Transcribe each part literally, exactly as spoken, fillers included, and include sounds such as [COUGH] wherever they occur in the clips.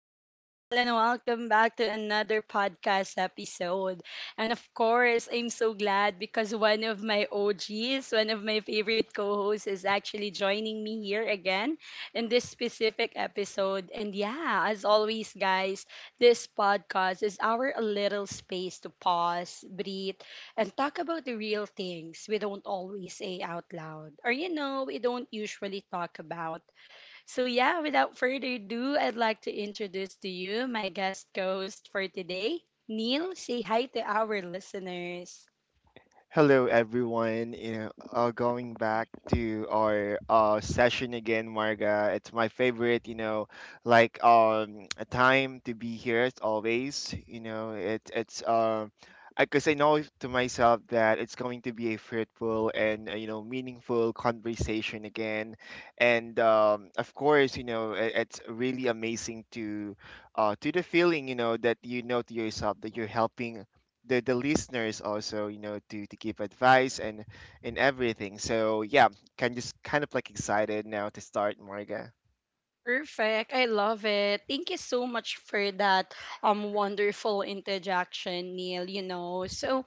people, and welcome back to another podcast episode. And of course, I'm so glad because one of my O Gs, one of my favorite co hosts, is actually joining me here again in this specific episode. And yeah, as always, guys, this podcast is our little space to pause, breathe, and talk about the real things we don't always say out loud or, you know, we don't usually talk about. So, yeah, without further ado, I'd like to introduce to you my guest host for today, Neil. Say hi to our listeners. Hello, everyone. You know, uh, going back to our uh, session again, Marga. It's my favorite. You know, like um, a time to be here as always. You know, it, it's um, because I know to myself that it's going to be a fruitful and uh, you know meaningful conversation again, and um, of course, you know, it, it's really amazing to uh, to the feeling, you know, that you know to yourself that you're helping the the listeners also, you know, to to give advice and and everything, so yeah, can just kind of like excited now to start, Marga. Perfect. I love it. Thank you so much for that um wonderful interjection, Neil, you know. So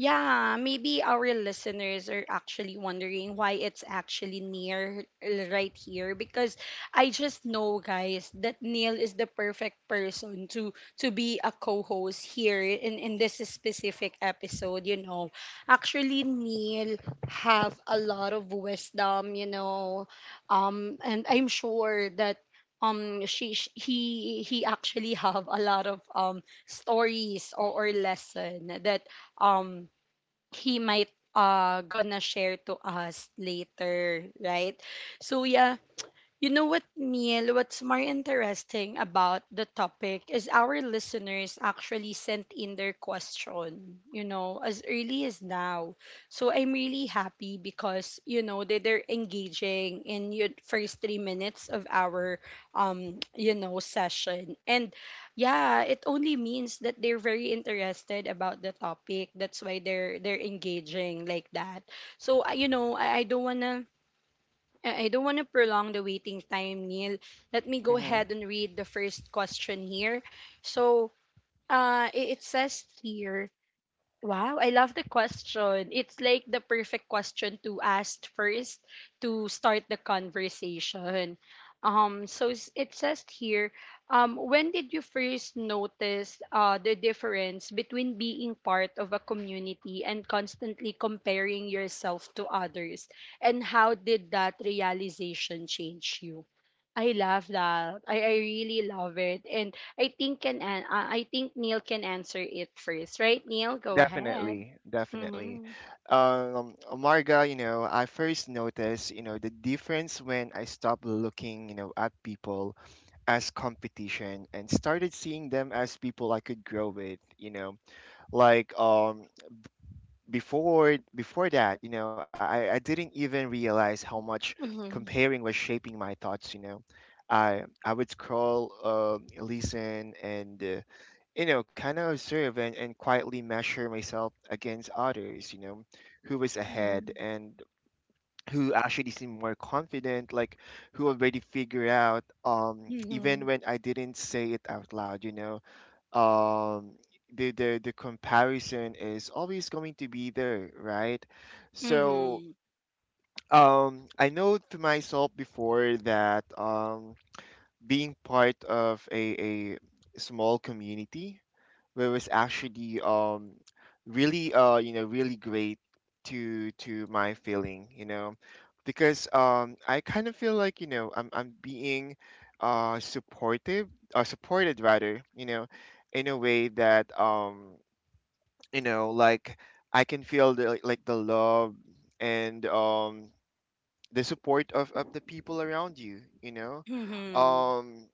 yeah, maybe our listeners are actually wondering why it's actually near uh, right here because I just know guys that Neil is the perfect person to to be a co-host here in in this specific episode, you know. Actually Neil have a lot of wisdom, you know. Um and I'm sure that um she, sh he he actually [LAUGHS] have a lot of um stories or, or lesson that um he might uh gonna share to us later, right? So yeah, you know what, Neil? What's more interesting about the topic is our listeners actually sent in their question, you know, as early as now. So I'm really happy because, you know, they, they're engaging in your first three minutes of our, um, you know, session. And yeah, it only means that they're very interested about the topic. That's why they're they're engaging like that. So, I- you know, I, I don't want to I I don't want to prolong the waiting time, Neil. Let me go Hmm. ahead and read the first question here. So, uh, i- it says here. Wow, I love the question. It's like the perfect question to ask first to start the conversation. Um, so s- it says here, um, when did you first notice uh, the difference between being part of a community and constantly comparing yourself to others? And how did that realization change you? I love that. I, I really love it. And I think can an- uh, I think Neil can answer it first, right? Neil, go ahead. Definitely, definitely. Mm-hmm. um Marga, you know, I first noticed, you know, the difference when I stopped looking, you know, at people as competition and started seeing them as people I could grow with, you know, like um before before that, you know, I, I didn't even realize how much Mhm. comparing was shaping my thoughts. You know, I I would scroll, um, listen, and uh, you know, kind of observe and and quietly measure myself against others. You know, who was ahead Mhm. and who actually seemed more confident, like who already figured out. Um, even Mhm. when I didn't say it out loud, you know, um the, the the comparison is always going to be there, right? So Mhm. um I know to myself before that um being part of a, a small community where was actually um really uh you know really great to to my feeling, you know, because um I kind of feel like, you know, I'm I'm being uh supportive, or supported rather, you know, in a way that um you know, like I can feel the, like like the love and um the support of, of the people around you, you know. Mhm. um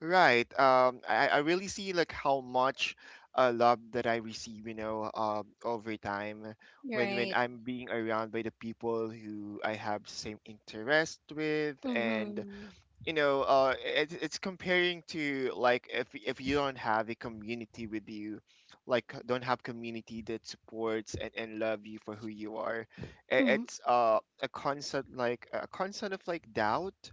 Right. Um, I, I really see like how much uh, love that I receive, you know, um, over time when when Right. I'm being around by the people who I have same interest with, and Mhm. you know, uh, it, it's comparing to, like, if if you don't have a community with you, like don't have community that supports and and love you for who you are, i- Mhm. it's uh, a constant, like a constant of like doubt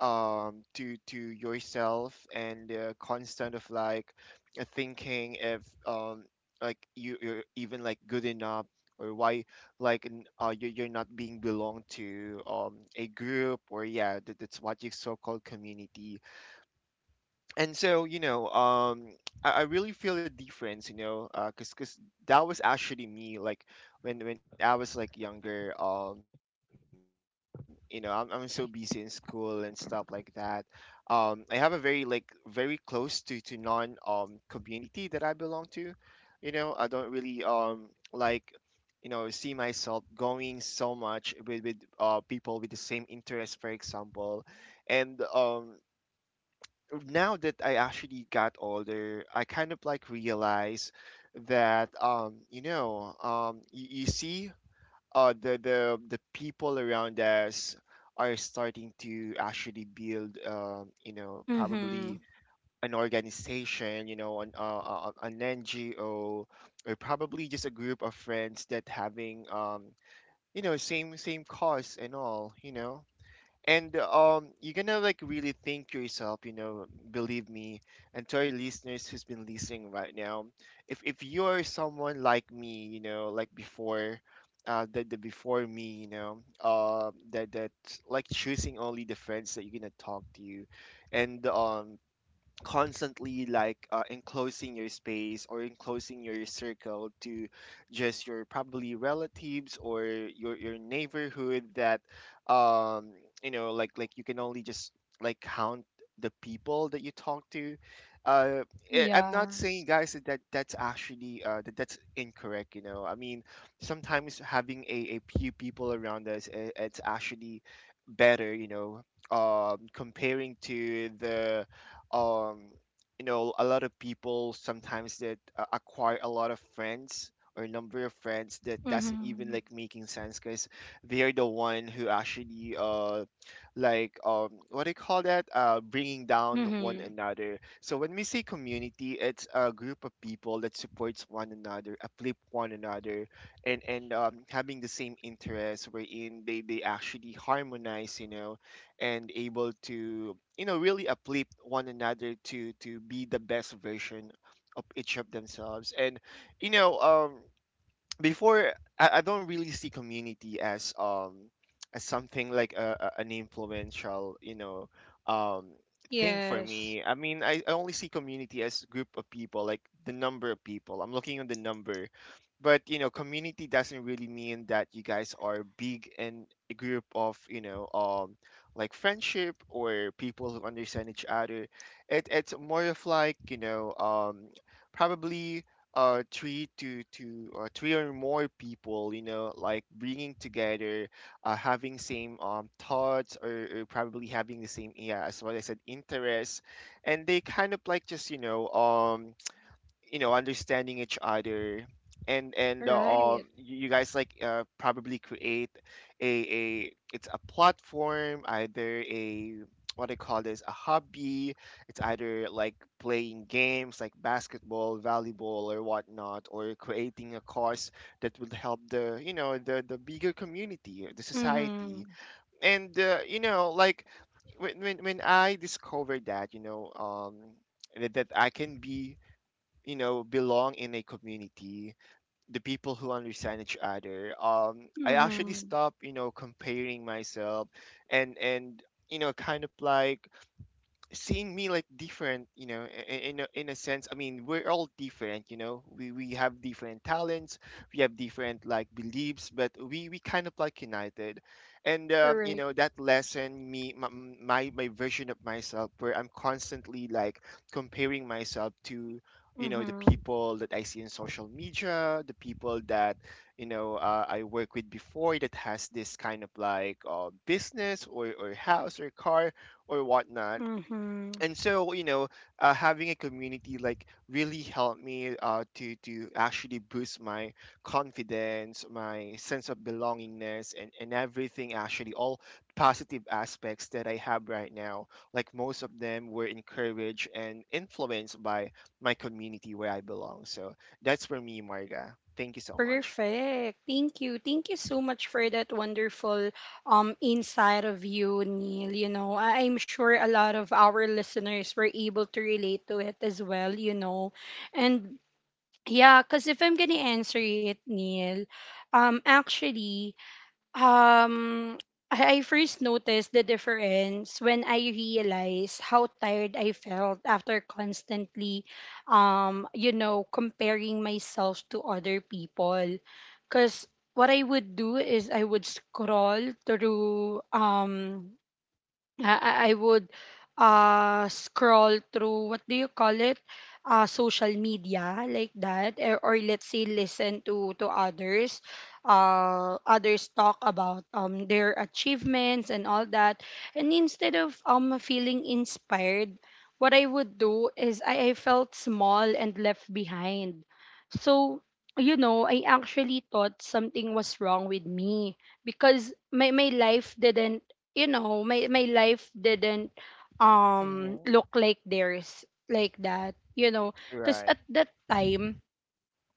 um to to yourself, and the constant of like uh, thinking if um like you you're even like good enough or why, like n- uh you, you're not being belong to um a group or, yeah, that, that's what you so-called community. And so, you know, um I, I really feel the difference, you know, uh cause, 'cause that was actually me, like, when when I was like younger. Um you know, I'm, I'm so busy in school and stuff like that. um I have a very, like, very close to to non um community that I belong to. You know, I don't really um like, you know, see myself going so much with with uh people with the same interest, for example. And um now that I actually got older, I kind of like realize that, um, you know, um, you, you see, uh, the the the people around us are starting to actually build, um, you know, Mhm. probably an organization, you know, an uh, uh, an N G O, or probably just a group of friends that having, um, you know, same same cause and all, you know. And um, you're gonna, like, really think yourself, you know, believe me, and to our listeners who's been listening right now, if if you're someone like me, you know, like before, uh, the, the before me, you know, uh, that that, like, choosing only the friends that you're gonna talk to, you, and um, constantly, like, uh, enclosing your space or enclosing your circle to just your probably relatives or your your neighborhood that, um you know, like like you can only just like count the people that you talk to. uh eh, I'm not Yes. saying, guys, that that's actually uh that that's incorrect, you know. I mean, sometimes having a, a few people around us, eh, it's actually better, you know, um comparing to the, um you know, a lot of people sometimes that uh, acquire a lot of friends or number of friends that doesn't even Mhm. like making sense, because they're the one who actually uh like um what do you call that, uh bringing down one Mhm. another. So when we say community, it's a group of people that supports one another, uplift one another, and and um, having the same interests, wherein they they actually harmonize, you know, and able to, you know, really uplift one another to to be the best version of each of themselves. And you know, um before, I, I don't really see community as um as something like a, a, an influential, you know, um thing for Yes. me. I mean, I, I only see community as group of people, like the number of people I'm looking at, the number. But, you know, community doesn't really mean that you guys are big and a group of, you know, um like friendship or people who understand each other. It, it's more of like, you know, um probably uh three to to or three or more people, you know, like bringing together, uh having same um thoughts, or or probably having the same, yeah, as what I said, interests, and they kind of like just, you know, um you know, understanding each other. And and uh, Right. um you you guys, like, uh, probably create a a it's a platform, either a what I call this, a hobby. It's either like playing games, like basketball, volleyball, or whatnot, or creating a cause that will help, the you know, the the bigger community, the society. Mhm. And uh, you know, like, when, when when I discovered, that you know, um that, that I can be, you know, belong in a community, the people who understand each other, um I actually Mhm. stopped, you know, comparing myself, and and you know, kind of like seeing me like different, you know. I- i- in a, in a sense, I mean, we're all different, you know, we we have different talents, we have different like beliefs, but we we kind of like united. And uh, you Correct. know, that lesson me, my, my my version of myself where I'm constantly like comparing myself to, you know, the Mhm. people that I see in social media, the people that, you know, uh, I work with before, that has this kind of like, uh, business or, or house or car or whatnot. Mhm. And so, you know, uh, having a community like really helped me, uh, to to actually boost my confidence, my sense of belongingness, and, and, everything, actually, all positive aspects that I have right now, like most of them were encouraged and influenced by my community where I belong. So that's for me, Marga, thank you so much. Perfect. Thank you. Thank you so much for that wonderful um insight of you, Neil. You know, I- I'm sure a lot of our listeners were able to relate to it as well, you know. And yeah, because if I'm gonna answer it, Neil, um actually um, I I first noticed the difference when I realized how tired I felt after constantly, um, you know, comparing myself to other people. Because what I would do is I would scroll through um, I, I I would uh scroll through what do you call it, uh social media like that, or, or let's say listen to to others uh others talk about um their achievements and all that, and instead of um feeling inspired, what I would do is I, I felt small and left behind. So you know, I actually thought something was wrong with me because my my life didn't you know my my life didn't um Mhm. look like theirs like that, you know. Because Right. at that time,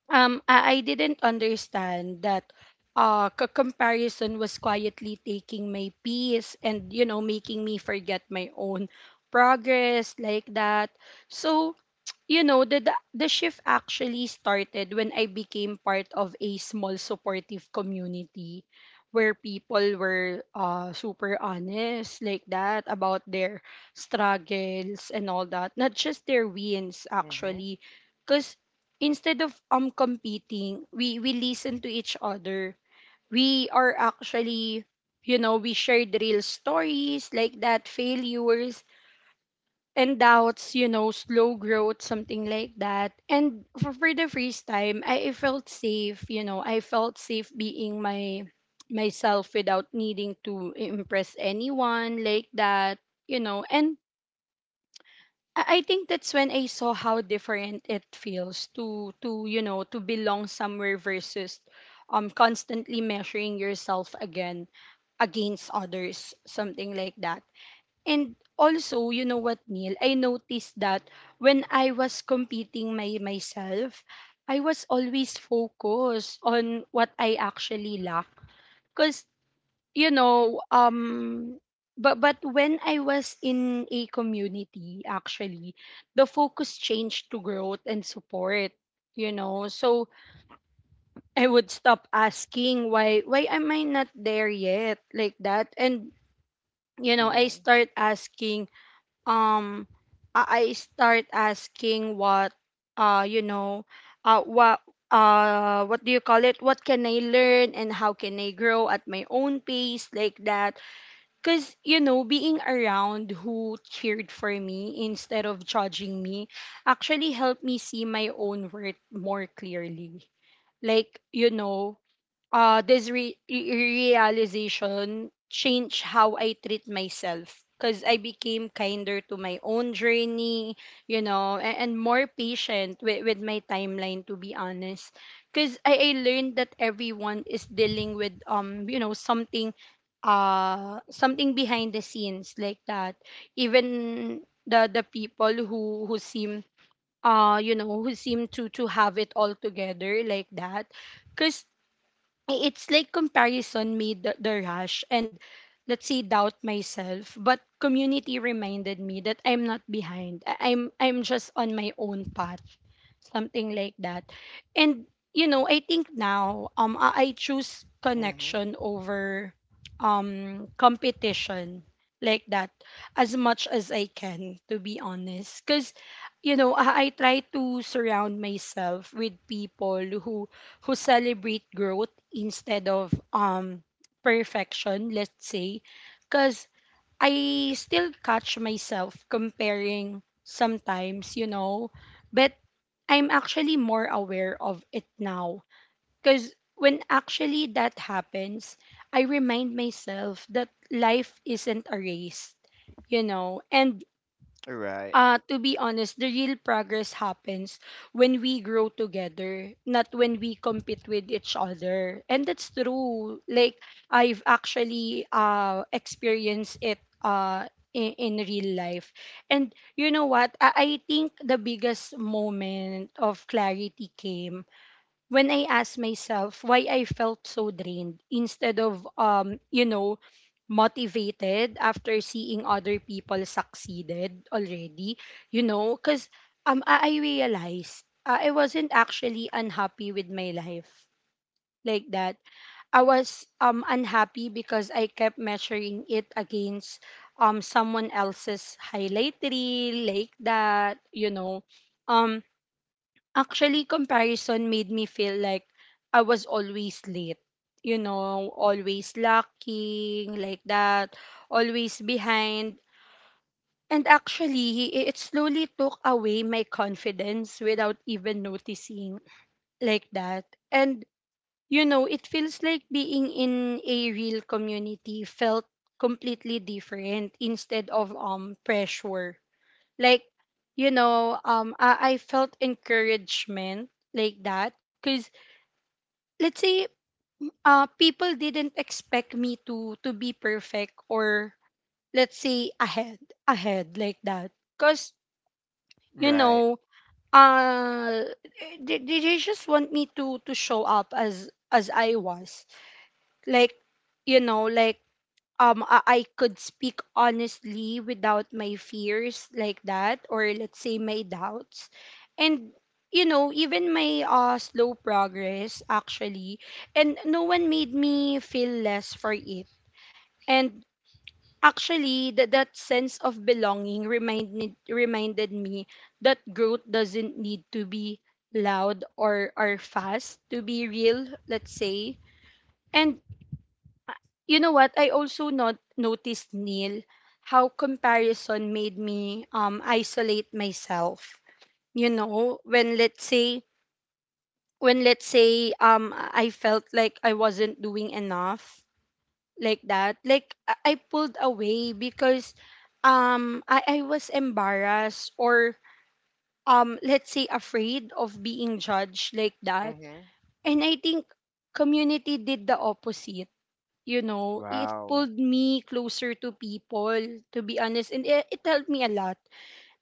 um I, I didn't understand that uh c- comparison was quietly taking my peace and you know making me forget my own progress like that. So you know, the, the the shift actually started when I became part of a small supportive community where people were uh super honest like that about their struggles and all that, not just their wins Mhm. actually. Cause instead of um competing, we we listen to each other. We are actually, you know, we shared real stories like that, failures and doubts, you know, slow growth, something like that. And for, for the first time, I, I felt safe, you know, I felt safe being my myself without needing to impress anyone like that, you know. And I I think that's when I saw how different it feels to to you know to belong somewhere versus um constantly measuring yourself again against others, something like that. And also, you know what, Neil, I noticed that when I was competing my myself, I was always focused on what I actually lack, because you know um but but when I was in a community actually, the focus changed to growth and support, you know. So I would stop asking why why am I not there yet like that, and you know I Mhm. start asking um i I start asking what uh you know uh what uh what do you call it, what can I learn and how can I grow at my own pace like that. Because, you know, being around who cheered for me instead of judging me actually helped me see my own worth more clearly. Like, you know, uh, this re- re- realization changed how I treat myself because I became kinder to my own journey, you know, and, and more patient with, with my timeline, to be honest. Because I, I learned that everyone is dealing with, um, you know, something uh something behind the scenes like that, even the the people who who seem uh you know who seem to to have it all together like that. Because it's like comparison made the, the rush and let's say doubt myself, but community reminded me that I'm not behind. I- i'm I'm just on my own path, something like that. And you know, I think now um i, I choose Mhm. connection over um competition like that as much as I can, to be honest. Because you know, I, I try to surround myself with people who who celebrate growth instead of um perfection, let's say, cuz I still catch myself comparing sometimes, you know, but I'm actually more aware of it now, cuz when actually that happens, I remind myself that life isn't a race, you know, and Right. uh, to be honest, the real progress happens when we grow together, not when we compete with each other. And that's true. Like I've actually uh experienced it uh in, in real life. And you know what? I, I think the biggest moment of clarity came when I asked myself why I felt so drained instead of um you know motivated after seeing other people succeeded already. You know cuz um I, I realized uh, I wasn't actually unhappy with my life like that, I was um unhappy because I kept measuring it against um someone else's highlight reel like that, you know. um Actually, comparison made me feel like I was always late. You know, always lacking, like that, always behind. And actually, i- it slowly took away my confidence without even noticing, like that. And, you know, it feels like being in a real community felt completely different instead of um pressure. Like, you know, um, I, I felt encouragement like that because let's say uh people didn't expect me to to be perfect or let's say ahead ahead like that. Because you Right. know uh they, they they just want me to to show up as as I was, like you know like um I, I could speak honestly without my fears like that or let's say my doubts. And you know even my uh slow progress actually, and no one made me feel less for it. And actually that that sense of belonging reminded reminded me that growth doesn't need to be loud or or fast to be real, let's say. And ah, you know what I also not noticed, Neil, how comparison made me um isolate myself. You know, when let's say when let's say um I felt like I wasn't doing enough like that, like i I pulled away because um i I was embarrassed or um let's say afraid of being judged like that. Mhm. And I think community did the opposite. You know, it Wow. pulled me closer to people, to be honest. And it, it helped me a lot.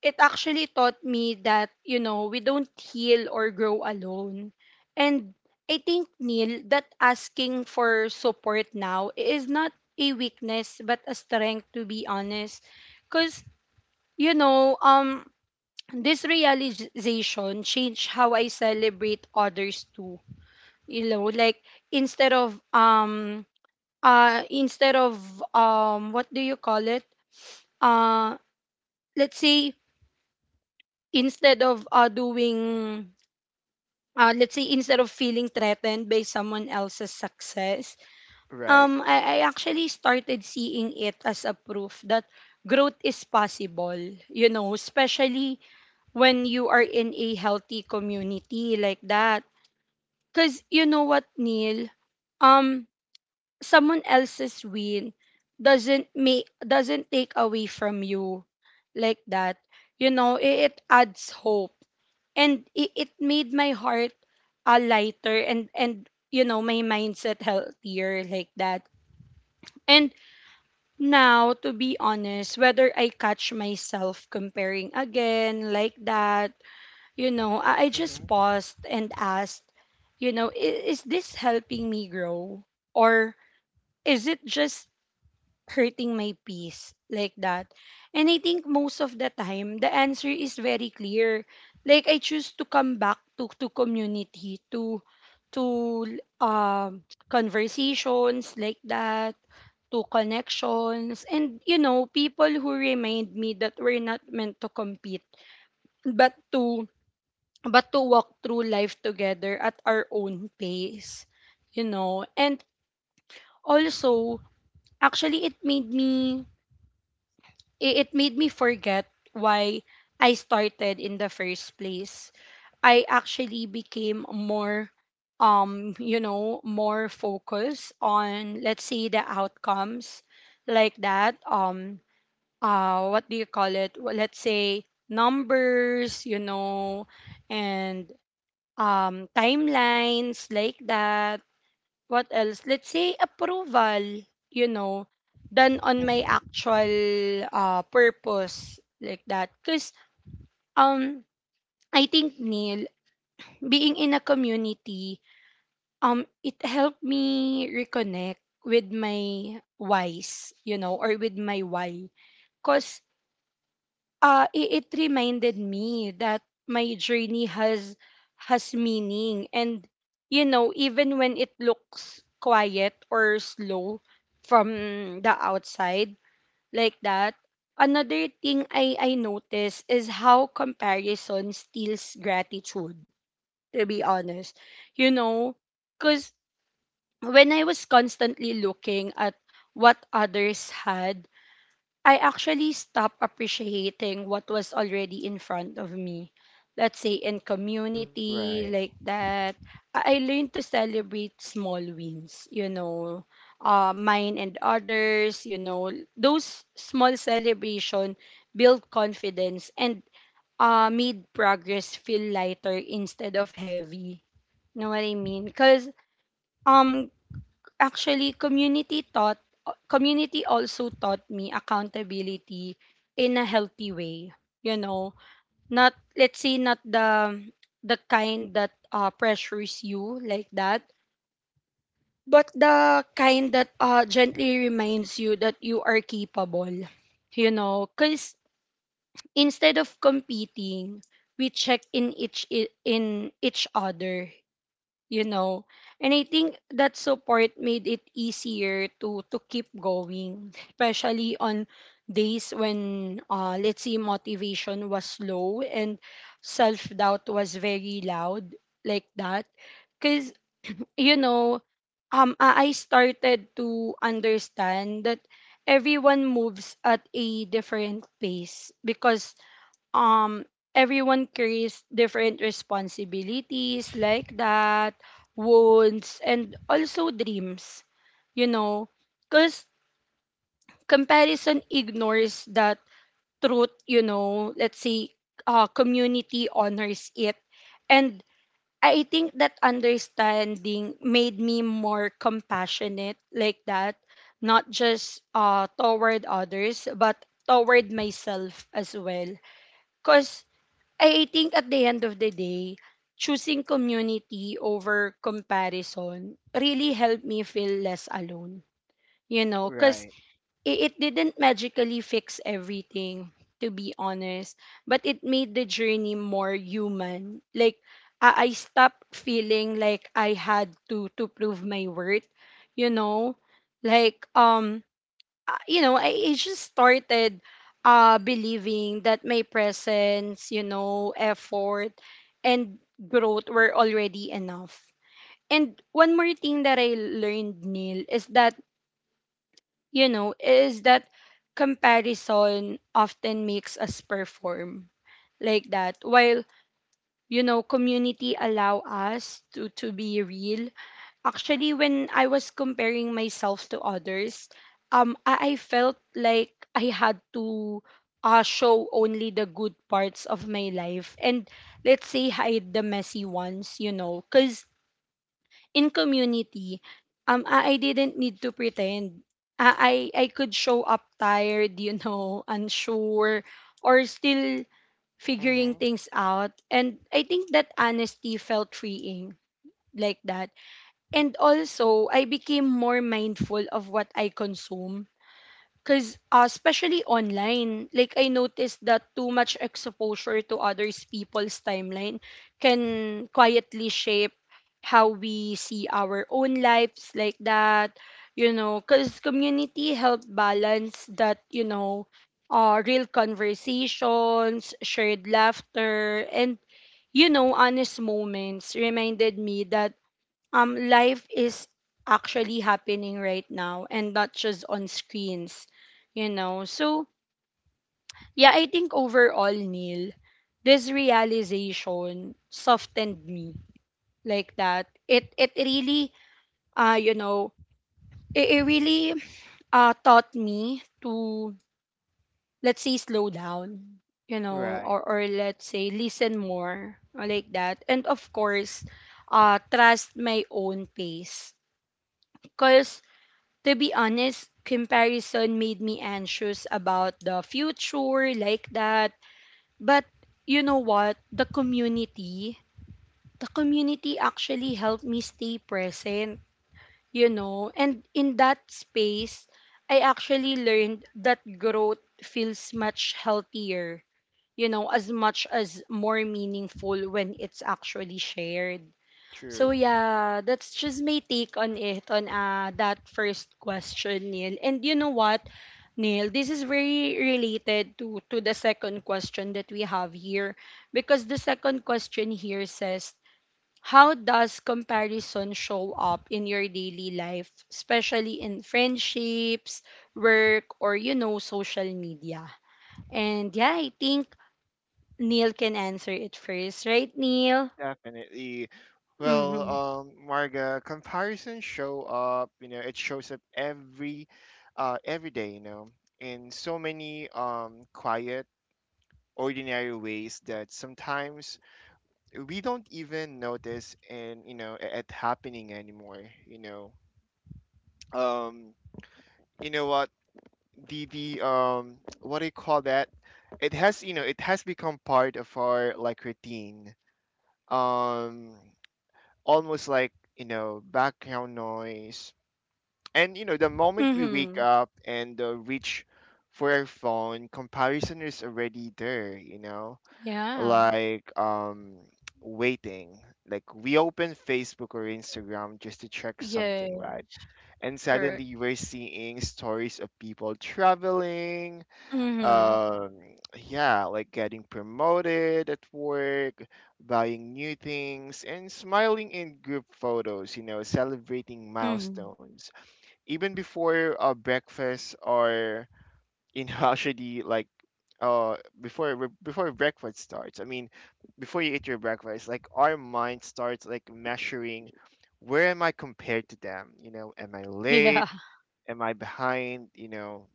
It actually taught me that, you know, we don't heal or grow alone. And I think, Neil, that asking for support now is not a weakness, but a strength, to be honest. Because, you know, um, this realization changed how I celebrate others too. You know, like instead of um uh instead of um what do you call it uh let's say instead of uh doing uh let's say instead of feeling threatened by someone else's success, Right. um I, I actually started seeing it as a proof that growth is possible, you know, especially when you are in a healthy community like that. Cuz you know what, Neil, um someone else's win doesn't make doesn't take away from you like that. You know, it, it adds hope, and it, it made my heart uh, lighter, and and you know, my mindset healthier like that. And now, to be honest, whether I catch myself comparing again like that, you know, i, I just paused and asked, you know, is, is this helping me grow or is it just hurting my peace like that? And I think most of the time the answer is very clear. Like, I choose to come back to to community, to to um conversations like that, to connections, and you know, people who remind me that we're not meant to compete, but to but to walk through life together at our own pace, you know. And also, actually it made me i- it made me forget why I started in the first place. I actually became more, um you know, more focused on, let's say, the outcomes like that. Um uh what do you call it Well, let's say numbers, you know, and um timelines like that. What else? Let's say approval, you know, than on my Hmm. actual uh, purpose like that. Because, um, I think, Neil, being in a community, um, it helped me reconnect with my whys, you know, or with my why. Because uh, it, it reminded me that my journey has has meaning, and you know, even when it looks quiet or slow from the outside like that. Another thing i i notice is how comparison steals gratitude, to be honest. You know, because when I was constantly looking at what others had, I actually stopped appreciating what was already in front of me. Let's say in Right. community, like that. I I learned to celebrate small wins, you know, uh, mine and others, you know. Those small celebration build confidence, and uh, made progress feel lighter instead of heavy. Know what I mean? Because, um, actually community taught community also taught me accountability in a healthy way, you know. Not, let's say, not the the kind that uh, pressures you like that, but the kind that uh, gently reminds you that you are capable, you know. Because instead of competing, we check in each in each other, you know. And I think that support made it easier to to keep going, especially on days when, uh let's say, motivation was low and self doubt was very loud like that. Cuz you know, um i I started to understand that everyone moves at a different pace, because, um everyone carries different responsibilities like that, wounds, and also dreams, you know. Because comparison ignores that truth, you know. Let's say, uh, community honors it. And I think that understanding made me more compassionate like that, not just uh, toward others but toward myself as well. Because I think at the end of the day, choosing community over comparison really helped me feel less alone. You know, because Right. it, it didn't magically fix everything, to be honest, but it made the journey more human. Like, I, I stopped feeling like I had to, to prove my worth, you know? Like, um, uh, you know, I, I just started uh, believing that my presence, you know, effort, and growth were already enough. And one more thing that I learned, Neil, is that, you know, is that comparison often makes us perform like that, while, you know, community allow us to, to be real. Actually, when I was comparing myself to others, um, I, I felt like I had to uh, show only the good parts of my life, and let's say hide the messy ones, you know. Because in community, um, I, I didn't need to pretend. I, I I could show up tired, you know, [LAUGHS] unsure, or still figuring Hmm. things out. And I think that honesty felt freeing like that. And also, I became more mindful of what I consume. Because, uh, especially online, like, I noticed that too much exposure to others' people's timeline can quietly shape how we see our own lives like that, you know. Because community helped balance that, you know. Uh, real conversations, shared laughter, and, you know, honest moments reminded me that um life is actually happening right now and not just on screens, you know. So yeah, I think overall, Neil, this realization softened me like that. It it really, uh you know it, it really uh taught me to, let's say, slow down, you know. Right. or or let's say, listen more, or like that. And of course, uh trust my own pace. Because, to be honest, comparison made me anxious about the future like that. But you know what? The community, the community actually helped me stay present, you know? And in that space, I actually learned that growth feels much healthier, you know, as much as more meaningful, when it's actually shared. So True. yeah, that's just my take on it, on uh that first question, Neil. And you know what, Neil, this is very related to, to the second question that we have here, because the second question here says, how does comparison show up in your daily life, especially in friendships, work, or you know, social media? And yeah, I think Neil can answer it first, right, Neil? Definitely. Well, Mm-hmm. um, Marga, comparisons show up, you know, it shows up every uh every day, you know, in so many um quiet, ordinary ways that sometimes we don't even notice and, you know, it, it happening anymore, you know. Um, you know what? The the um What do you call that? It has, you know, it has become part of our, like, routine. Um, Almost like, you know, background noise. And you know, the moment we Mm-hmm. wake up and uh, reach for our phone, comparison is already there. You know, Yeah. like, um waiting. Like we open Facebook or Instagram just to check Yeah, something, right? And correct. suddenly we're seeing stories of people traveling, Mm-hmm. um yeah, like getting promoted at work, buying new things, and smiling in group photos, you know, celebrating Mm-hmm. milestones, even before, uh, breakfast, or in [LAUGHS] know, actually, like, uh before re- before breakfast starts. I mean, before you eat your breakfast, like our mind starts like measuring, where am I compared to them? You know, am I [LAUGHS] Yeah. late? Am I behind? You know.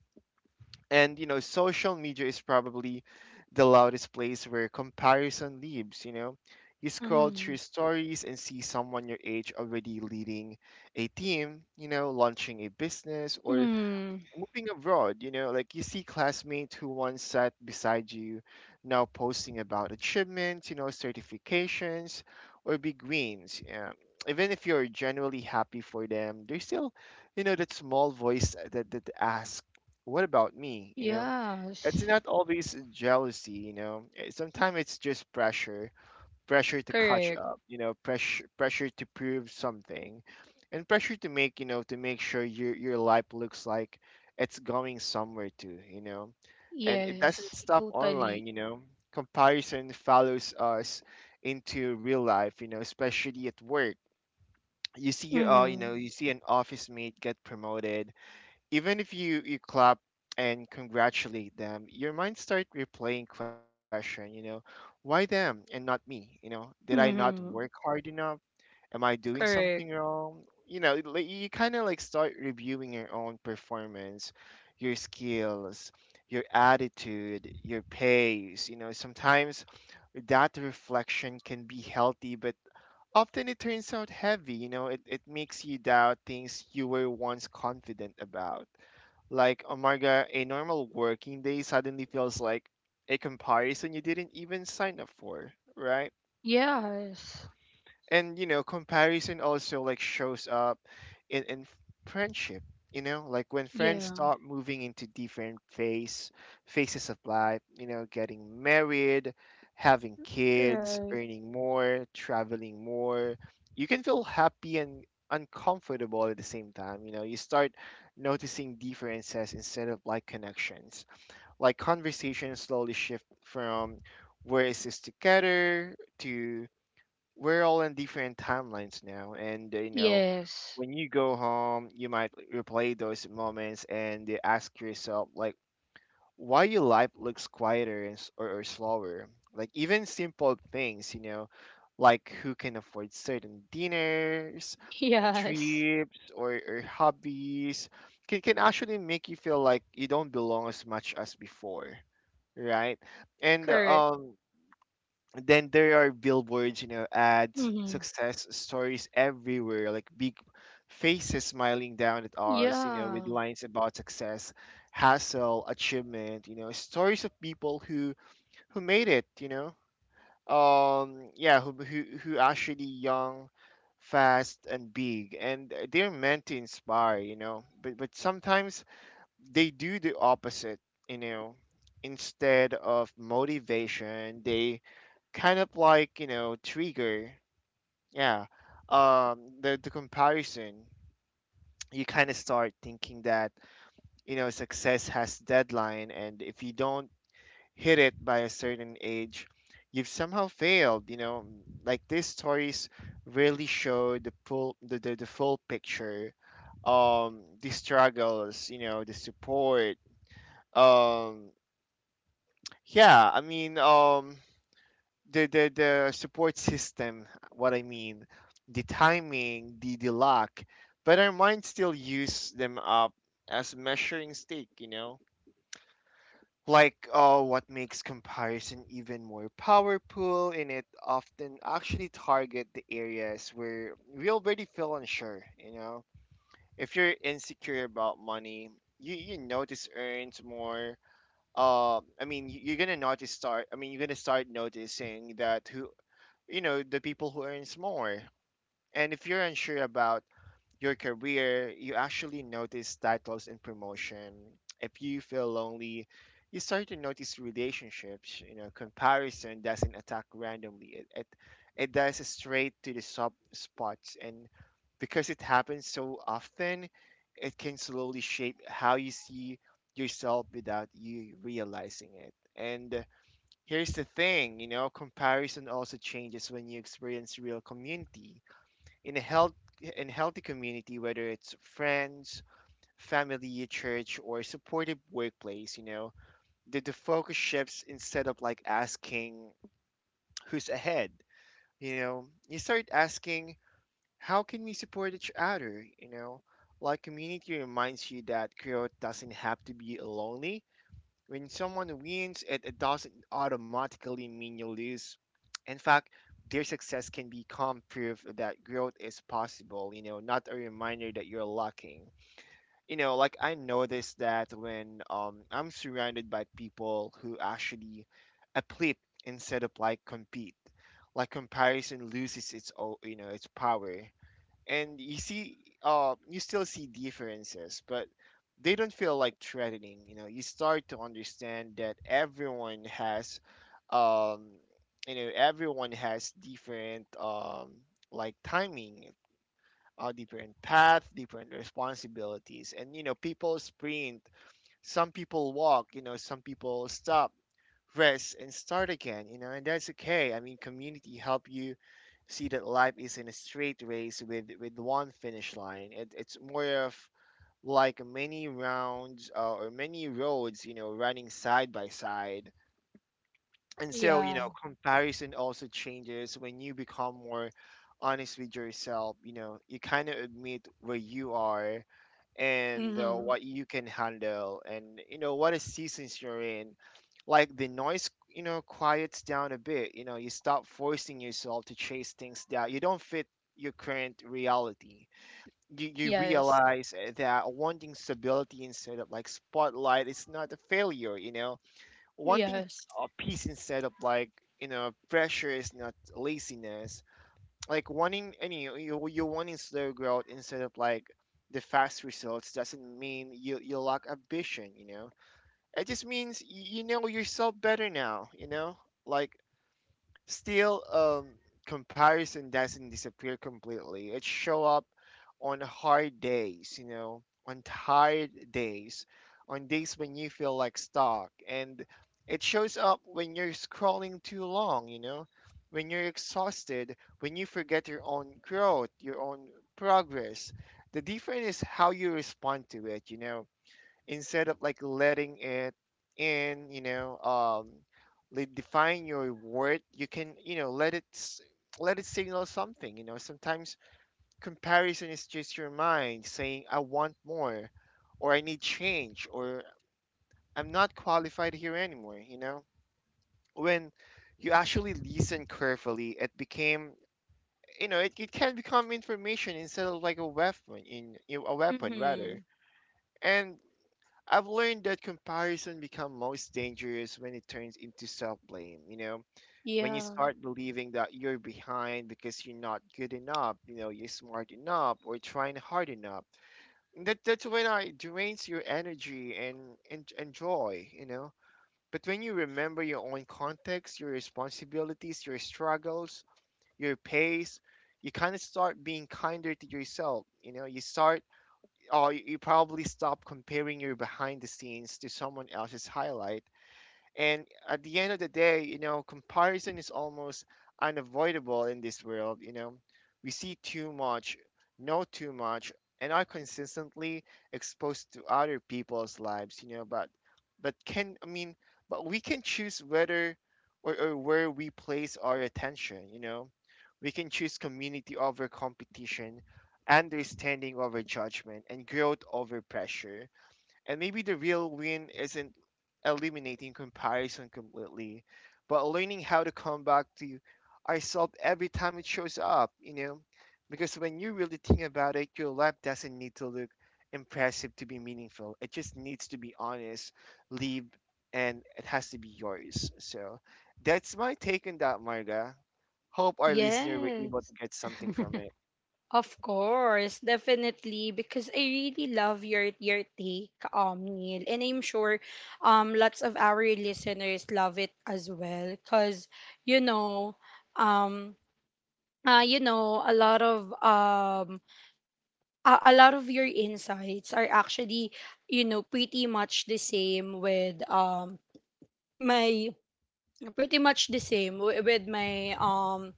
And you know, social media is probably the loudest place where comparison lives, you know. You scroll Mm-hmm. through stories and see someone your age already leading a team, you know, launching a business, or Mm-hmm. moving abroad. You know, like, you see classmates who once sat beside you now posting about achievements, you know, certifications, or big wins. Yeah. Even if you're genuinely happy for them, there's still, you know, that small voice that, that asks, what about me? You know, Yes. it's not always jealousy, you know. Eh, sometimes it's just pressure pressure to catch Correct. up, you know, pressure pressure to prove something, and pressure to make, you know, to make sure your your life looks like it's going somewhere too, you know. And it Yes. doesn't stop Totally. online, you know. Comparison follows us into real life, you know, especially at work. You see, uh, you Mhm. Know, you see an office mate get promoted. Even if you you clap and congratulate them, your mind start replaying question you know Why them and not me? You know did I not work Mhm. hard enough? Am I doing Correct. something wrong? You know like, you kind of like start reviewing your own performance, your skills, your attitude, your pace you know Sometimes that reflection can be healthy, but often it turns out heavy you know it, it makes you doubt things you were once confident about. Like, oh my god, a normal working day suddenly feels like a comparison you didn't even sign up for, right? Yes. and you know comparison also like shows up in in f- friendship you know like when friends Yeah. start moving into different phase phases of life you know getting married, having kids, Right. earning more, traveling more. You can feel happy and uncomfortable at the same time you know You start noticing differences instead of like connections. Like conversations slowly shift from "where is this together" to "we're all in different timelines now," and uh, you know, Yes. when you go home, you might replay those moments and uh, ask yourself, like, why your life looks quieter and s- or, or slower. Like even simple things, you know, like who can afford certain dinners, [LAUGHS] Yes. trips, or or hobbies, can can actually make you feel like you don't belong as much as before, right? And Correct. Um, then there are billboards, you know, ads, Mhm. success stories everywhere, like big faces smiling down at ours, you know, with Yeah. lines about success, hassle, achievement, you know, stories of people who who made it, you know. Um yeah, who who who actually young, fast and big, and they're meant to inspire, you know. But but sometimes they do the opposite, you know. Instead of motivation, they kind of like you know trigger yeah um the, the comparison. You kind of start thinking that you know success has deadline, and if you don't hit it by a certain age, you've somehow failed you know Like these stories really show the full the, the, the full picture, um the struggles, you know the support, um yeah i mean um the the the support system. What I mean The timing, the the luck. But our mind still use them up as measuring stick you know Like, oh, what makes comparison even more powerful, and it often actually target the areas where we already feel unsure you know If you're insecure about money, you you notice earns more uh, I mean, y- you're gonna notice start. I mean, you're gonna start noticing that who you know the people who earns more. And if you're unsure about your career, you actually notice titles and promotion. If you feel lonely, you start to notice relationships you know Comparison doesn't attack randomly. It it, it does straight to the sub spots. And because it happens so often, it can slowly shape how you see yourself without you realizing it. And here's the thing, you know, comparison also changes when you experience real community. In a health in healthy community, whether it's friends, family, church, or supportive workplace, you know, the, the focus shifts. Instead of like asking who's ahead, You know, you start asking, how can we support each other? You know, like community reminds you that growth doesn't have to be lonely. When someone wins, it, it doesn't automatically mean you lose. In fact, their success can become proof that growth is possible, you know, not a reminder that you're lacking. You know, like I noticed that when um, I'm surrounded by people who actually uplift instead of like compete, like comparison loses its, o- you know, its power. And you see uh you still see differences, but they don't feel like threatening you know You start to understand that everyone has um you know everyone has different um like timing, uh, different path, different responsibilities. And you know people sprint, some people walk, you know, some people stop, rest, and start again, you know, and that's okay. I mean, community help you see that life isn't a straight race with with one finish line. It, it's more of like many rounds uh, or many roads, you know, running side by side. And so, you Yeah. know, comparison also changes when you become more honest with yourself. You know, you kind of admit where you are and uh, Mhm. what you can handle and, you know, what is seasons you're in. Like the noise, you know, quiets down a bit. You know, you stop forcing yourself to chase things that you don't fit your current reality. You, you Yes. realize eh, that wanting stability instead of like spotlight is not a failure, you know wanting Yes. uh, peace instead of like you know pressure is not laziness. Like wanting any you, you wanting slow growth instead of like the fast results doesn't mean you you lack ambition you know It just means y- you know yourself better now you know Like, still, um, comparison doesn't disappear completely. It show up on hard days, you know, on tired days, on days when you feel like stuck, and it shows up when you're scrolling too long, you know, when you're exhausted, when you forget your own growth, your own progress. The difference is how you respond to it, you know Instead of like letting it in, you know, um, like define your worth, you can, you know, let it s- let it signal something. You know, sometimes comparison is just your mind saying, "I want more," or "I need change," or "I'm not qualified here anymore." You know, when you actually listen carefully, it became, you know, it, it can become information instead of like a weapon in, you know, a weapon rather. Mhm. And I've learned that comparison become most dangerous when it turns into self-blame, you know? When you Yeah. start believing that you're behind because you're not good enough, you know, you're smart enough or trying hard enough. And That that's when I it drains your energy and, and and joy, you know. But when you remember your own context, your responsibilities, your struggles, your pace, you kind of start being kinder to yourself, you know. You start, oh, you probably stop comparing your behind the scenes to someone else's highlight. And at the end of the day, you know, comparison is almost unavoidable in this world. You know, we see too much, know too much, and are consistently exposed to other people's lives. You know, but but can I mean, but we can choose whether or, or where we place our attention. You know, we can choose community over competition, understanding over judgment, and growth over pressure. And maybe the real win isn't eliminating comparison completely, but learning how to come back to ourselves every time it shows up, you know? Because when you really think about it, your life doesn't need to look impressive to be meaningful. It just needs to be honest, live, and it has to be yours. So that's my take on that, Marga. Hope our listener were Yes. able to get something from it. [LAUGHS] Of course, definitely, because I really love your your take, um, Neil, and I'm sure, um, lots of our listeners love it as well, cause you know, um, uh, you know, a lot of um, a, a lot of your insights are actually, you know, pretty much the same with um my pretty much the same wi- with my um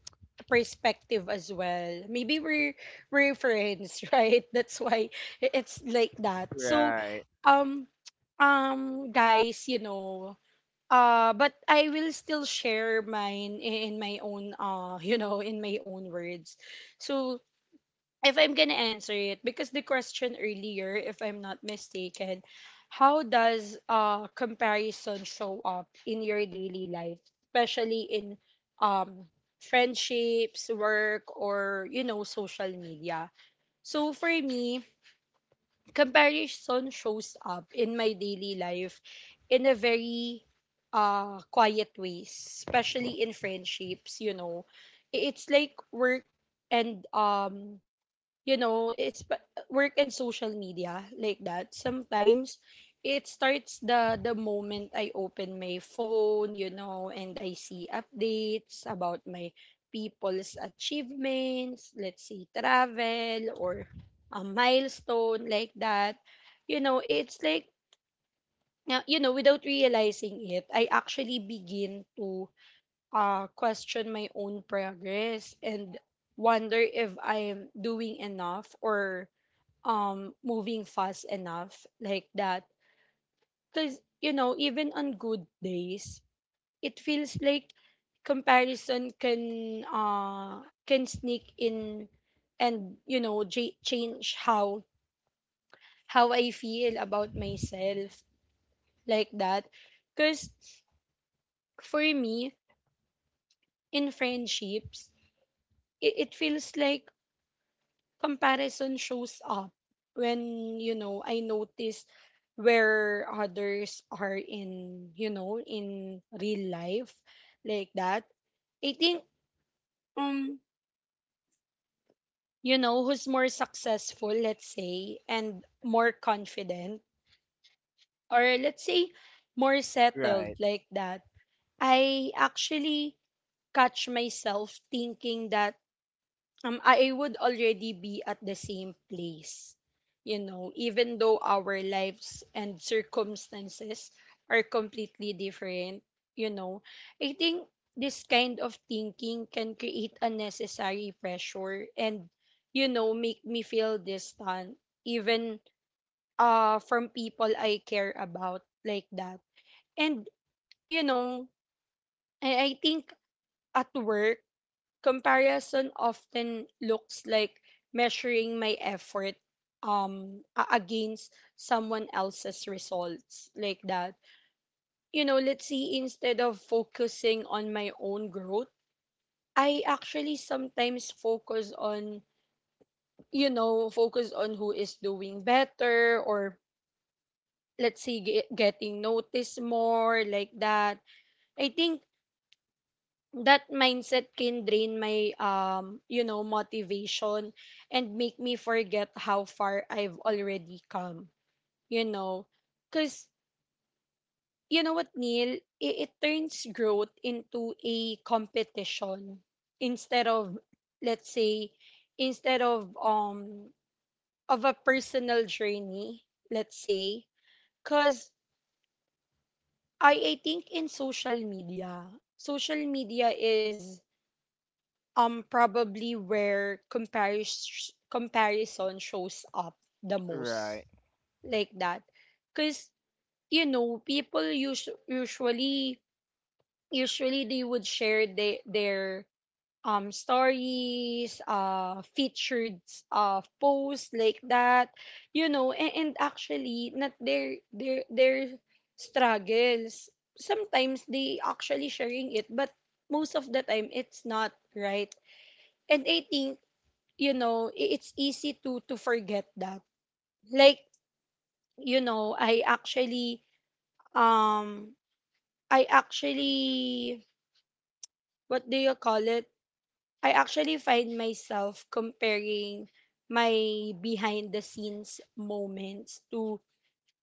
perspective as well. Maybe we're we're friends, [LAUGHS] right? That's why i- it's like that. So Right, um um guys, you know, uh but I will still share mine i- in my own uh [LAUGHS] you know, in my own words. So if I'm gonna answer it, because the question earlier, if I'm not mistaken, how does uh comparison show up in your daily life, especially in um friendships, work, or you know, social media? So for me, comparison shows up in my daily life in a very uh quiet ways, especially in friendships, you know. I- It's like work and um you know, it's pa- work and social media like that. Sometimes it starts the the moment I open my phone, you know, and I see updates about my people's achievements, let's say travel or a milestone like that. You know, it's like now, you know, without realizing it, I actually begin to uh question my own progress and wonder if I'm doing enough or um moving fast enough like that. Because you know, even on good days, it feels like comparison can uh can sneak in, and you know, j- change how how I feel about myself like that. Because for me, in friendships, it, it feels like comparison shows up when, you know, I notice where others are in, you know, in real life like that. I think, um you know, who's more successful, let's say, and more confident, or let's say more settled right, like that. I actually catch myself thinking that, um, I would already be at the same place. You know, even though our lives and circumstances are completely different, you know, I think this kind of thinking can create unnecessary pressure and, you know, make me feel distant, even uh, from people I care about like that. And, you know, I, I think at work, comparison often looks like measuring my effort um a- against someone else's results like that. You know, let's see, instead of focusing on my own growth, I actually sometimes focus on, you know, focus on who is doing better or, let's say, ge- getting noticed more like that. I think that mindset can drain my, um you know, motivation, and make me forget how far I've already come, you know. Cuz you know what, Neil, it, it turns growth into a competition instead of, let's say, instead of um of a personal journey, let's say. Cuz I I think, in social media, social media is um probably where comparison comparison shows up the most right. like that. Because, you know, people usu- usually usually they would share they, their um stories, uh featured uh posts like that, you know. and, and actually not their their their struggles. Sometimes they actually sharing it, but most of the time it's not, right? And I think, you know, i- it's easy to to forget that. Like, you know, I actually um I actually, what do you call it, I actually find myself comparing my behind the scenes moments to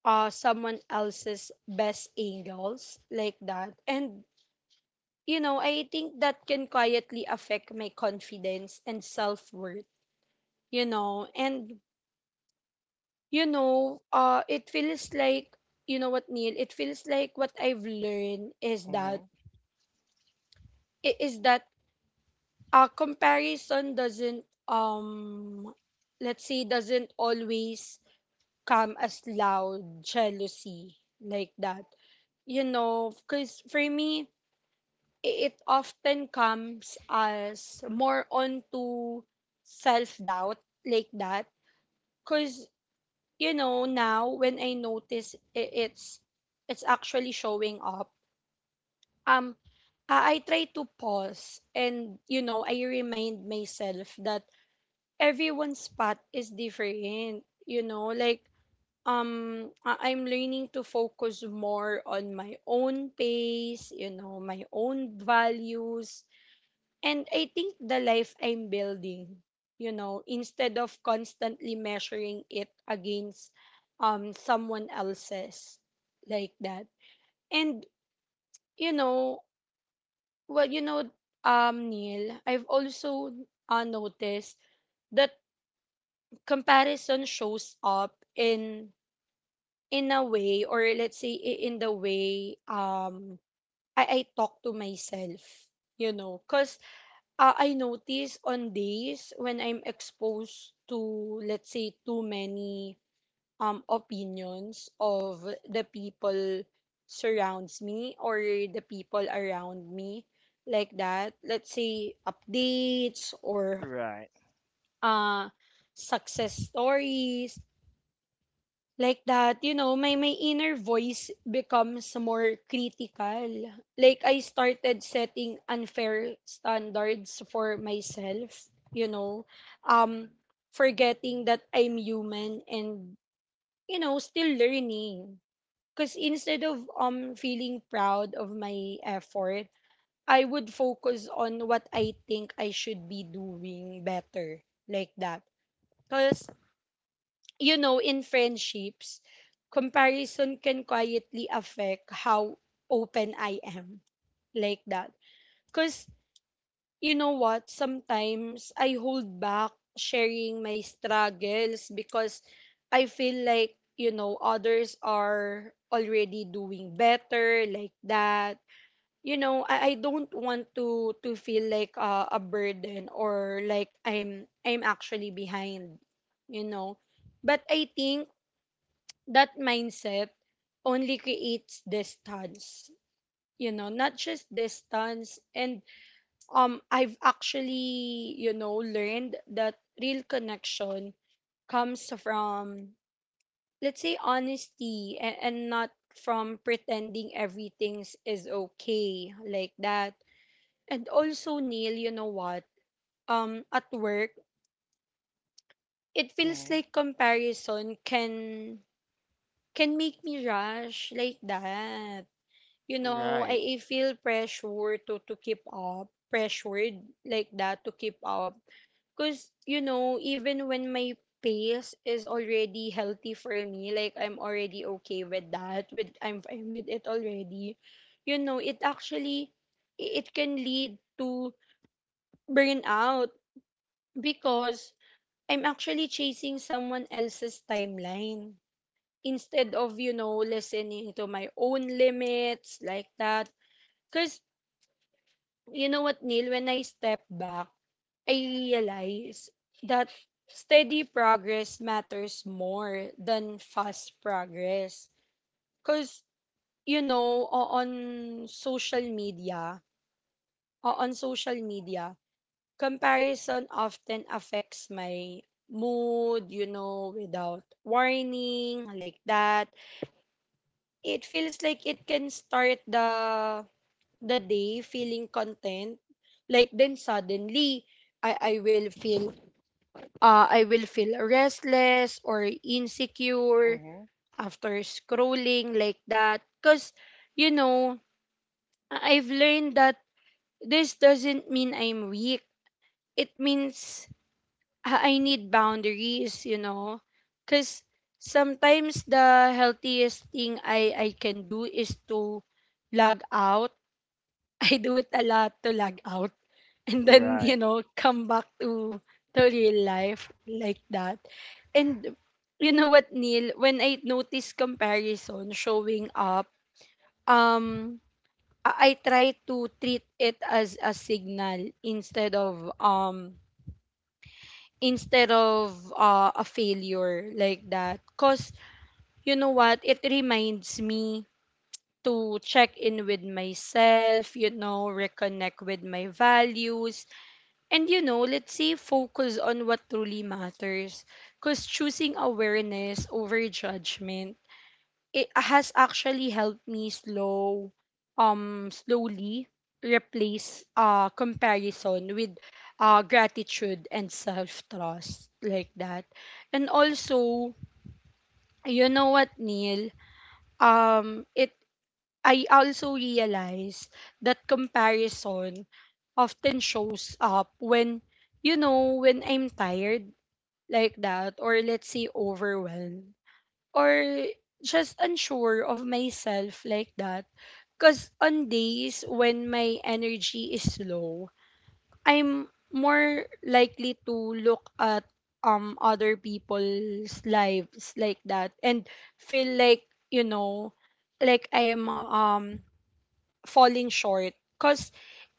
uh someone else's best angles like that. And you know, I think that can quietly affect my confidence and self-worth, you know. And you know, uh, it feels like, you know what, Neil, it feels like what I've learned is that, hmm i- is that uh, comparison doesn't, um, let's say, doesn't always come as loud jealousy like that. You know, because for me, i- it often comes as more onto self doubt like that. Cause you know now when i notice i- it's it's actually showing up um i, I try to pause and you know i remind myself that everyone's path is different, you know, like um I- I'm learning to focus more on my own pace, you know, my own values and I think the life I'm building, you know, instead of constantly measuring it against um someone else's like that. And you know, well, you know, um Neil, I've also uh, noticed that comparison shows up in in a way, or let's say i- in the way um I, I talk to myself, you know, cuz uh, I notice on days when I'm exposed to, let's say, too many um opinions of the people surrounds me, or the people around me like that. Let's say updates or right. uh success stories like that. You know, my my inner voice becomes more critical. Like I started setting unfair standards for myself, you know, um forgetting that I'm human and, you know, still learning. Cuz instead of um feeling proud of my effort, I would focus on what I think I should be doing better, like that. Cuz, you know, in friendships, comparison can quietly affect how open I am like that. Because, you know what, sometimes I hold back sharing my struggles because I feel like, you know, others are already doing better, like that. You know, I, I don't want to to feel like uh, a burden, or like I'm I'm actually behind, you know. But I think that mindset only creates distance, you know, not just distance. And um i've actually, you know, learned that real connection comes from, let's say, honesty, and, and not from pretending everything's is okay, like that. And also, Neil, you know what, um at work it hmm feels like comparison can can make me rush, like that. You know, Right. I, I feel pressure to, to keep up, pressured like that, to keep up. Because, you know, even when my pace is already healthy for me, like I'm already okay with that, with I'm fine with it already, you know, it actually, it can lead to burnout because I'm actually chasing someone else's timeline instead of, you know, listening to my own limits, like that. Because you know what, Neil, when I step back, I realize that steady progress matters more than fast progress. Because, you know, o- on social media, o- on social media, comparison often affects my mood, you know, without warning, like that. It feels like it can start the the day feeling content, like then suddenly I I will feel uh I will feel restless or insecure Mm-hmm. after scrolling, like that. Cuz, you know, I- I've learned that this doesn't mean I'm weak. It means I I need boundaries, you know. Cuz sometimes the healthiest thing I I can do is to log out. [LAUGHS] I do it a lot, to log out [LAUGHS] and then, Right. you know, come back to to real life, like that. And you know what, Neil, when i notice comparison showing up um i i try to treat it as a signal instead of um instead of uh, a failure, like that. Cause you know what, it reminds me to check in with myself, you know, reconnect with my values. And, you know, let's say focus on what truly matters. Because choosing awareness over judgment, it has actually helped me slow, um, slowly replace uh, comparison with uh, gratitude and self trust, like that. And also, you know what, Neil? Um, it I also realized that comparison often shows up when, you know, when I'm tired, like that, or let's say overwhelmed, or just unsure of myself, like that. Because on days when my energy is low, I'm more likely to look at um other people's lives, like that, and feel like, you know, like I'm um falling short, because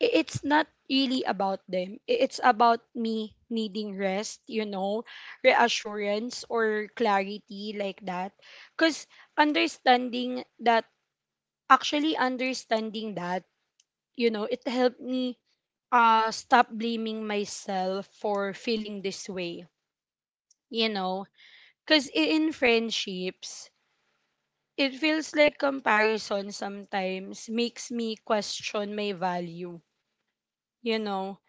it's not really about them. I- It's about me needing rest, you know, reassurance or clarity, like that. Because understanding that, actually understanding that, you know, it helped me uh, stop blaming myself for feeling this way, you know. Because in friendships, it feels like comparison sometimes makes me question my value, you know.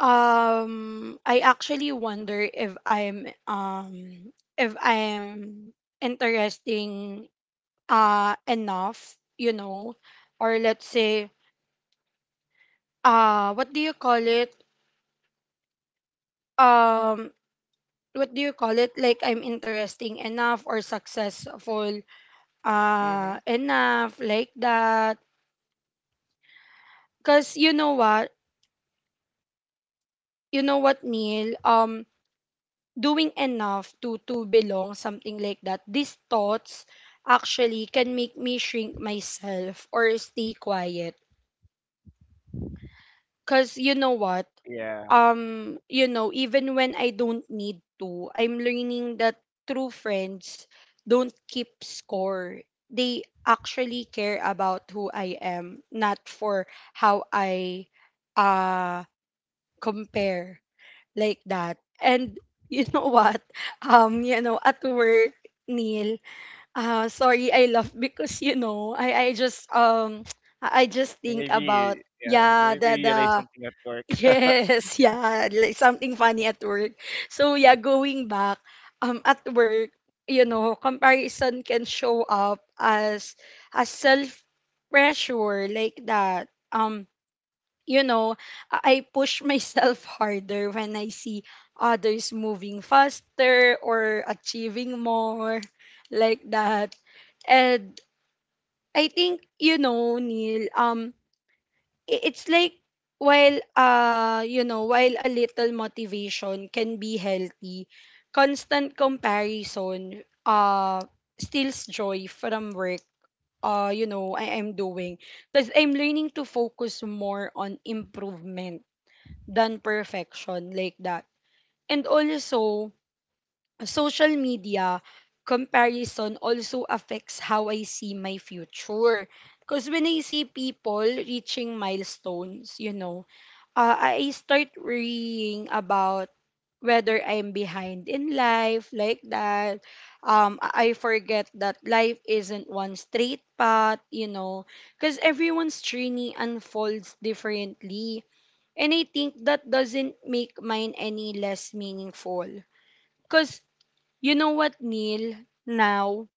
Um, I actually wonder if I'm um if I'm interesting uh enough, you know, or let's say uh what do you call it? Um, what do you call it? Like I'm interesting enough or successful Mm-hmm. uh enough, like that. Cause you know what? You know what, Neil? Um, doing enough to to belong, something like that, these thoughts actually can make me shrink myself or stay quiet. Cuz you know what, Yeah. um you know, even when i don't need to, I'm learning that true friends don't keep score. They actually care about who i am, not for how i uh compare, like that. And you know what? [LAUGHS] Um, you know, at work, Neil, uh, sorry, I laugh because, you know, I, I just um [TSK] I I just You think maybe about yeah, you yeah, maybe the the realize something at work. [LAUGHS] yes, [LAUGHS] yeah, like something funny at work. So yeah, going back, um at work, you know, comparison can show up as as self pressure, like that. Um you know, I I push myself [LAUGHS] harder when I see others moving faster or achieving more, like that. And I think, you know, Neil, um, i- it's like while uh, you know, while a little motivation can be healthy, constant comparison uh steals joy from work. Uh, you know, I am doing because I'm learning to focus more on improvement than perfection, like that. And also, social media comparison also affects how I see my future. Because when I see people reaching milestones, you know, uh, I start worrying about whether I'm behind in life, like that. Um, I I forget that life isn't one straight path, you know, because everyone's journey unfolds differently, and I think that doesn't make mine any less meaningful. Because you know what, Neil? Now,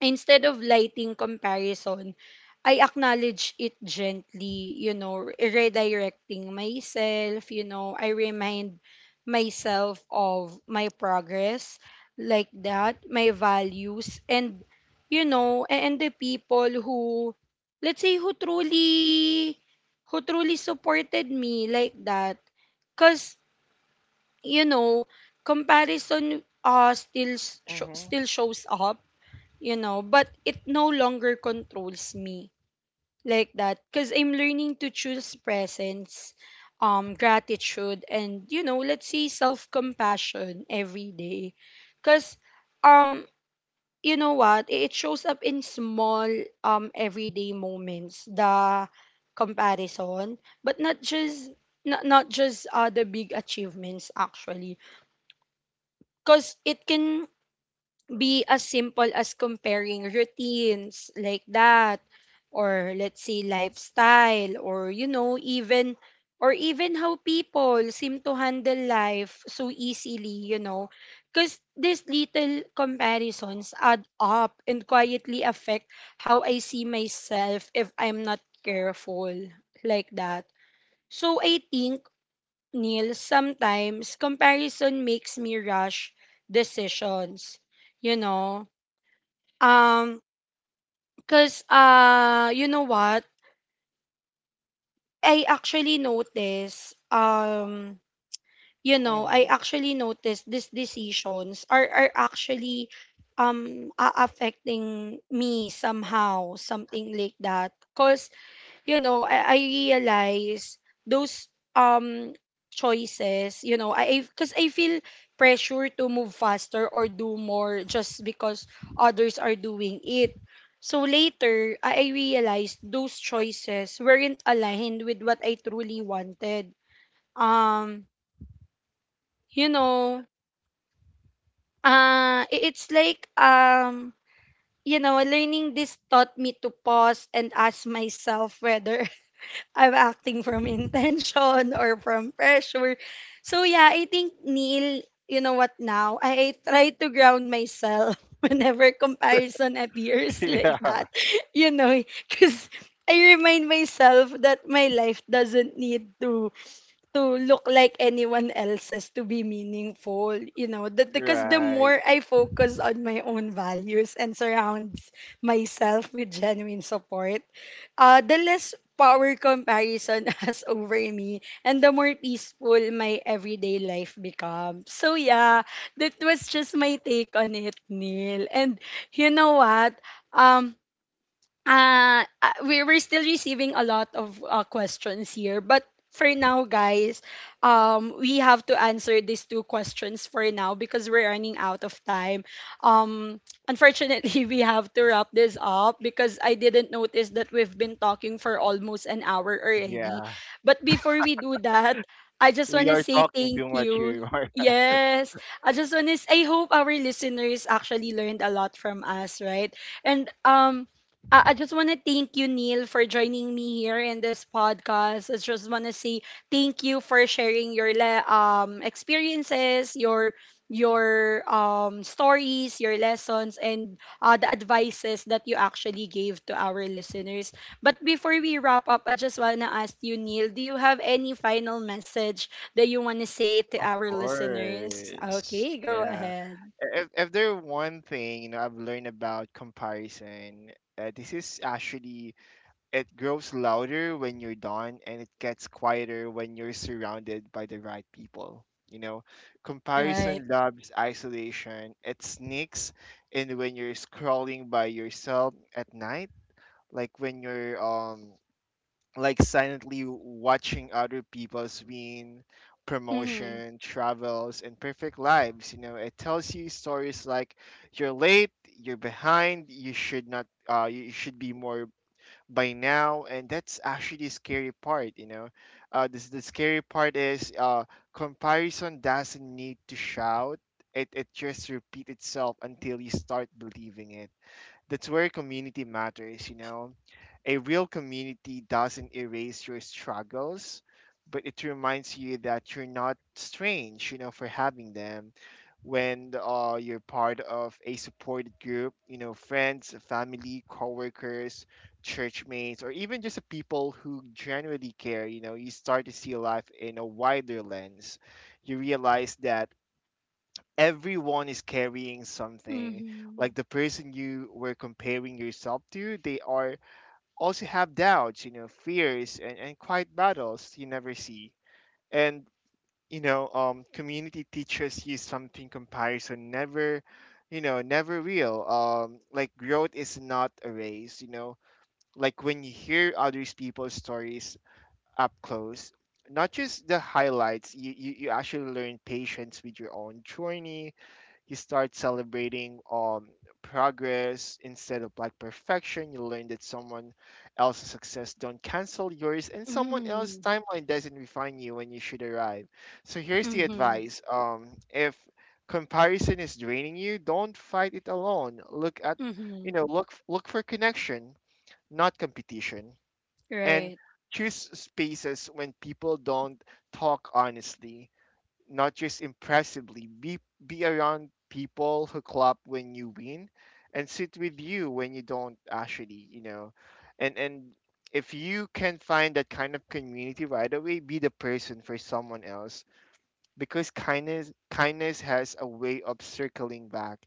instead of lighting comparison, I acknowledge it gently, you know, redirecting myself. You know, I remind myself of my progress, like that, my values, and, you know, a- and the people who, let's say, who truly, who truly supported me, like that. Because, you know, comparison uh, still, sh- Mm-hmm. still shows up, you know, but it no longer controls me, like that, because I'm learning to choose presence, um, gratitude, and, you know, let's say self compassion every day. Because, um, you know what, it shows up in small, um, everyday moments, the comparison, but not just. Not, not just uh, the big achievements actually, because it can be as simple as comparing routines, like that, or let's say lifestyle, or you know even, or even how people seem to handle life so easily, you know. Because these little comparisons add up and quietly affect how i see myself if i'm not careful, like that. So I think, Neil, sometimes comparison makes me rush decisions, you know, um, because uh, you know what? I actually noticed. Um, you know, I Mm-hmm. actually noticed these decisions are are actually um a- affecting me somehow, something like that. Cause you know, I, I realize those um choices, you know, I because I 'cause I feel pressure to move faster or do more just because others are doing it. So later, I I realized those choices weren't aligned with what I truly wanted. Um, you know, uh, i- it's like um, you know, learning this taught me to pause and ask myself whether I'm acting from [LAUGHS] intention or from pressure. So yeah, I think Neil, you know what now? I, I try to ground myself [LAUGHS] whenever comparison [LAUGHS] appears, like Yeah. that. [LAUGHS] You know, because I remind myself that my life doesn't need to to look like anyone else's to be meaningful. You know, that, because the more Right. I focus on my own values and surrounds myself with genuine support, uh, the less power comparison [LAUGHS] has over me, and the more peaceful my everyday life becomes. So yeah, that was just my take on it, Neil. And you know what? Um, uh, uh, we we're still receiving a lot of uh, questions here, but for now, guys, um, we have to answer these two questions for now because we're running out of time. Um, unfortunately, [LAUGHS] we have to wrap this up because I didn't notice that we've been talking for almost an hour already. Yeah. But before we do that, I just We want to are say talking thank too much you. here. [LAUGHS] Yes, I just want to. I hope our listeners actually learned a lot from us, right? And um, I I just want to thank you, Neil, for joining me here in this podcast. I just want to say thank you for sharing your le- um experiences, your your um stories, your lessons, and, uh, the advices that you actually gave to our listeners. But before we wrap up, I just want to ask you, Neil, do you have any final message that you want to say to Of our listeners? course. Okay, go Yeah. ahead. If if there one thing, you know, I've learned about comparison, uh, this is actually, it grows louder when you're done and it gets quieter when you're surrounded by the right people. You know, Right. comparison loves isolation. It sneaks in when you're scrolling by yourself at night, like when you're um like silently watching other people's win, Mm-hmm. promotion, travels, and perfect lives. You know, it tells you stories like you're late, you're behind, you should not uh you should be more by now. And that's actually the scary part you know uh this The scary part is uh comparison doesn't need to shout. It, it just repeat itself until you start believing it. That's where community matters you know A real community doesn't erase your struggles, but it reminds you that you're not strange, you know, for having them. When uh, you're part of a supported group, you know, friends, family, coworkers, church mates, or even just the people who genuinely care, you know, you start to see life in a wider lens. You realize that everyone is carrying something. Mm-hmm. Like the person you were comparing yourself to, they are also have doubts, you know, fears and, and quiet battles you never see. And, you know, um, community teachers use something comparison never, you know, never real. Um, like growth is not a race, you know, like when you hear others people's stories up close, not just the highlights, you, you, you actually learn patience with your own journey. You start celebrating um progress instead of like perfection. You learn that someone else's success don't cancel yours, and someone else's timeline doesn't refine you when you should arrive. So here's the Mm-hmm. advice, um if comparison is draining you, don't fight it alone. Look at Mm-hmm. you know look look for connection, not competition. And Right. choose spaces when people don't talk honestly, not just impressively. Be be around people who clap when you win, and sit with you when you don't actually, you know, and and if you can find that kind of community right away, be the person for someone else, because kindness kindness has a way of circling back.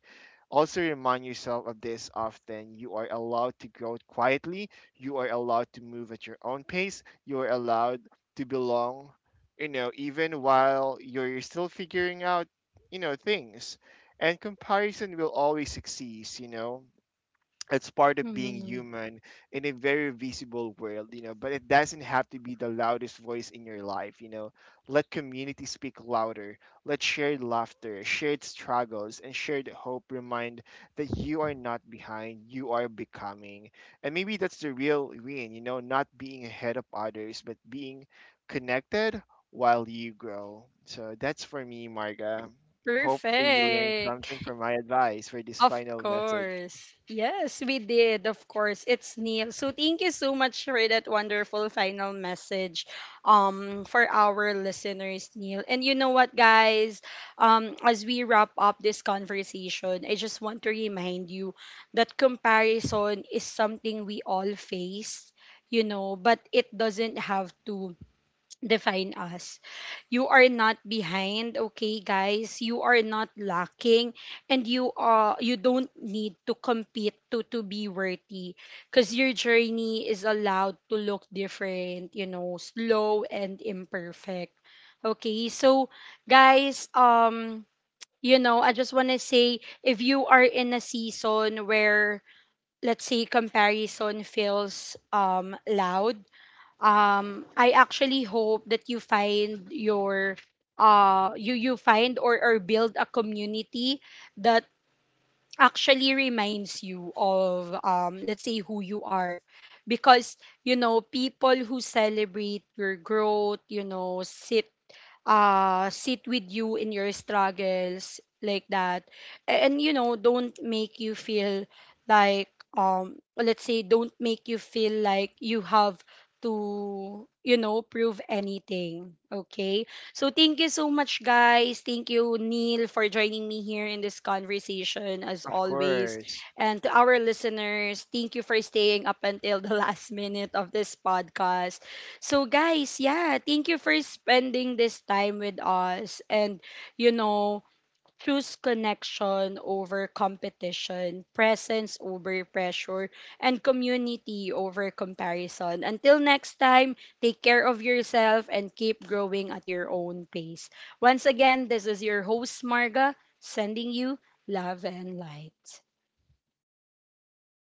Also remind yourself of this often. You are allowed to grow quietly, you are allowed to move at your own pace, you are allowed to belong, you know, even while you're still figuring out, you know, things. And comparison will always exist, you know It's part of being Mm-hmm. human in a very visible world, you know, but it doesn't have to be the loudest voice in your life, you know. Let community speak louder. Let shared laughter, shared struggles, and shared hope remind that you are not behind, you are becoming. And maybe that's the real win, you know, not being ahead of others, but being connected while you grow. So that's for me, Marga. Hope they learned Perfect. something [LAUGHS] from my advice for this Of final message. course. Yes, we did. Of course. It's Neil. So thank you so much for that wonderful final message um for our listeners, Neil. And you know what, guys? Um as we wrap up this conversation, I just want to remind you that comparison is something we all face, you know, but it doesn't have to define us. You are not behind, okay, guys? You are not lacking, and you uh you don't need to compete to to be worthy, because your journey is allowed to look different, you know, slow and imperfect. Okay, so guys, um, you know, I just wanna say if you are in a season where, let's say, comparison feels um loud, um I actually hope that you find your uh you you find or or build a community that actually reminds you of, um let's say, who you are. Because, you know, people who celebrate your growth, you know, sit uh sit with you in your struggles, like that, and you know, don't make you feel like, um let's say, don't make you feel like you have to you know, prove anything, okay? So thank you so much, guys. Thank you, Neil, for joining me here in this conversation, as Of always. course. And to our listeners, thank you for staying up until the [LAUGHS] last minute of this podcast. So guys, yeah, thank you for spending this time with us, and, you know, choose connection over competition, presence over pressure, and community over comparison. Until next time, take care of yourself and keep growing at your own pace. Once again, this is your host Marga, sending you love and light.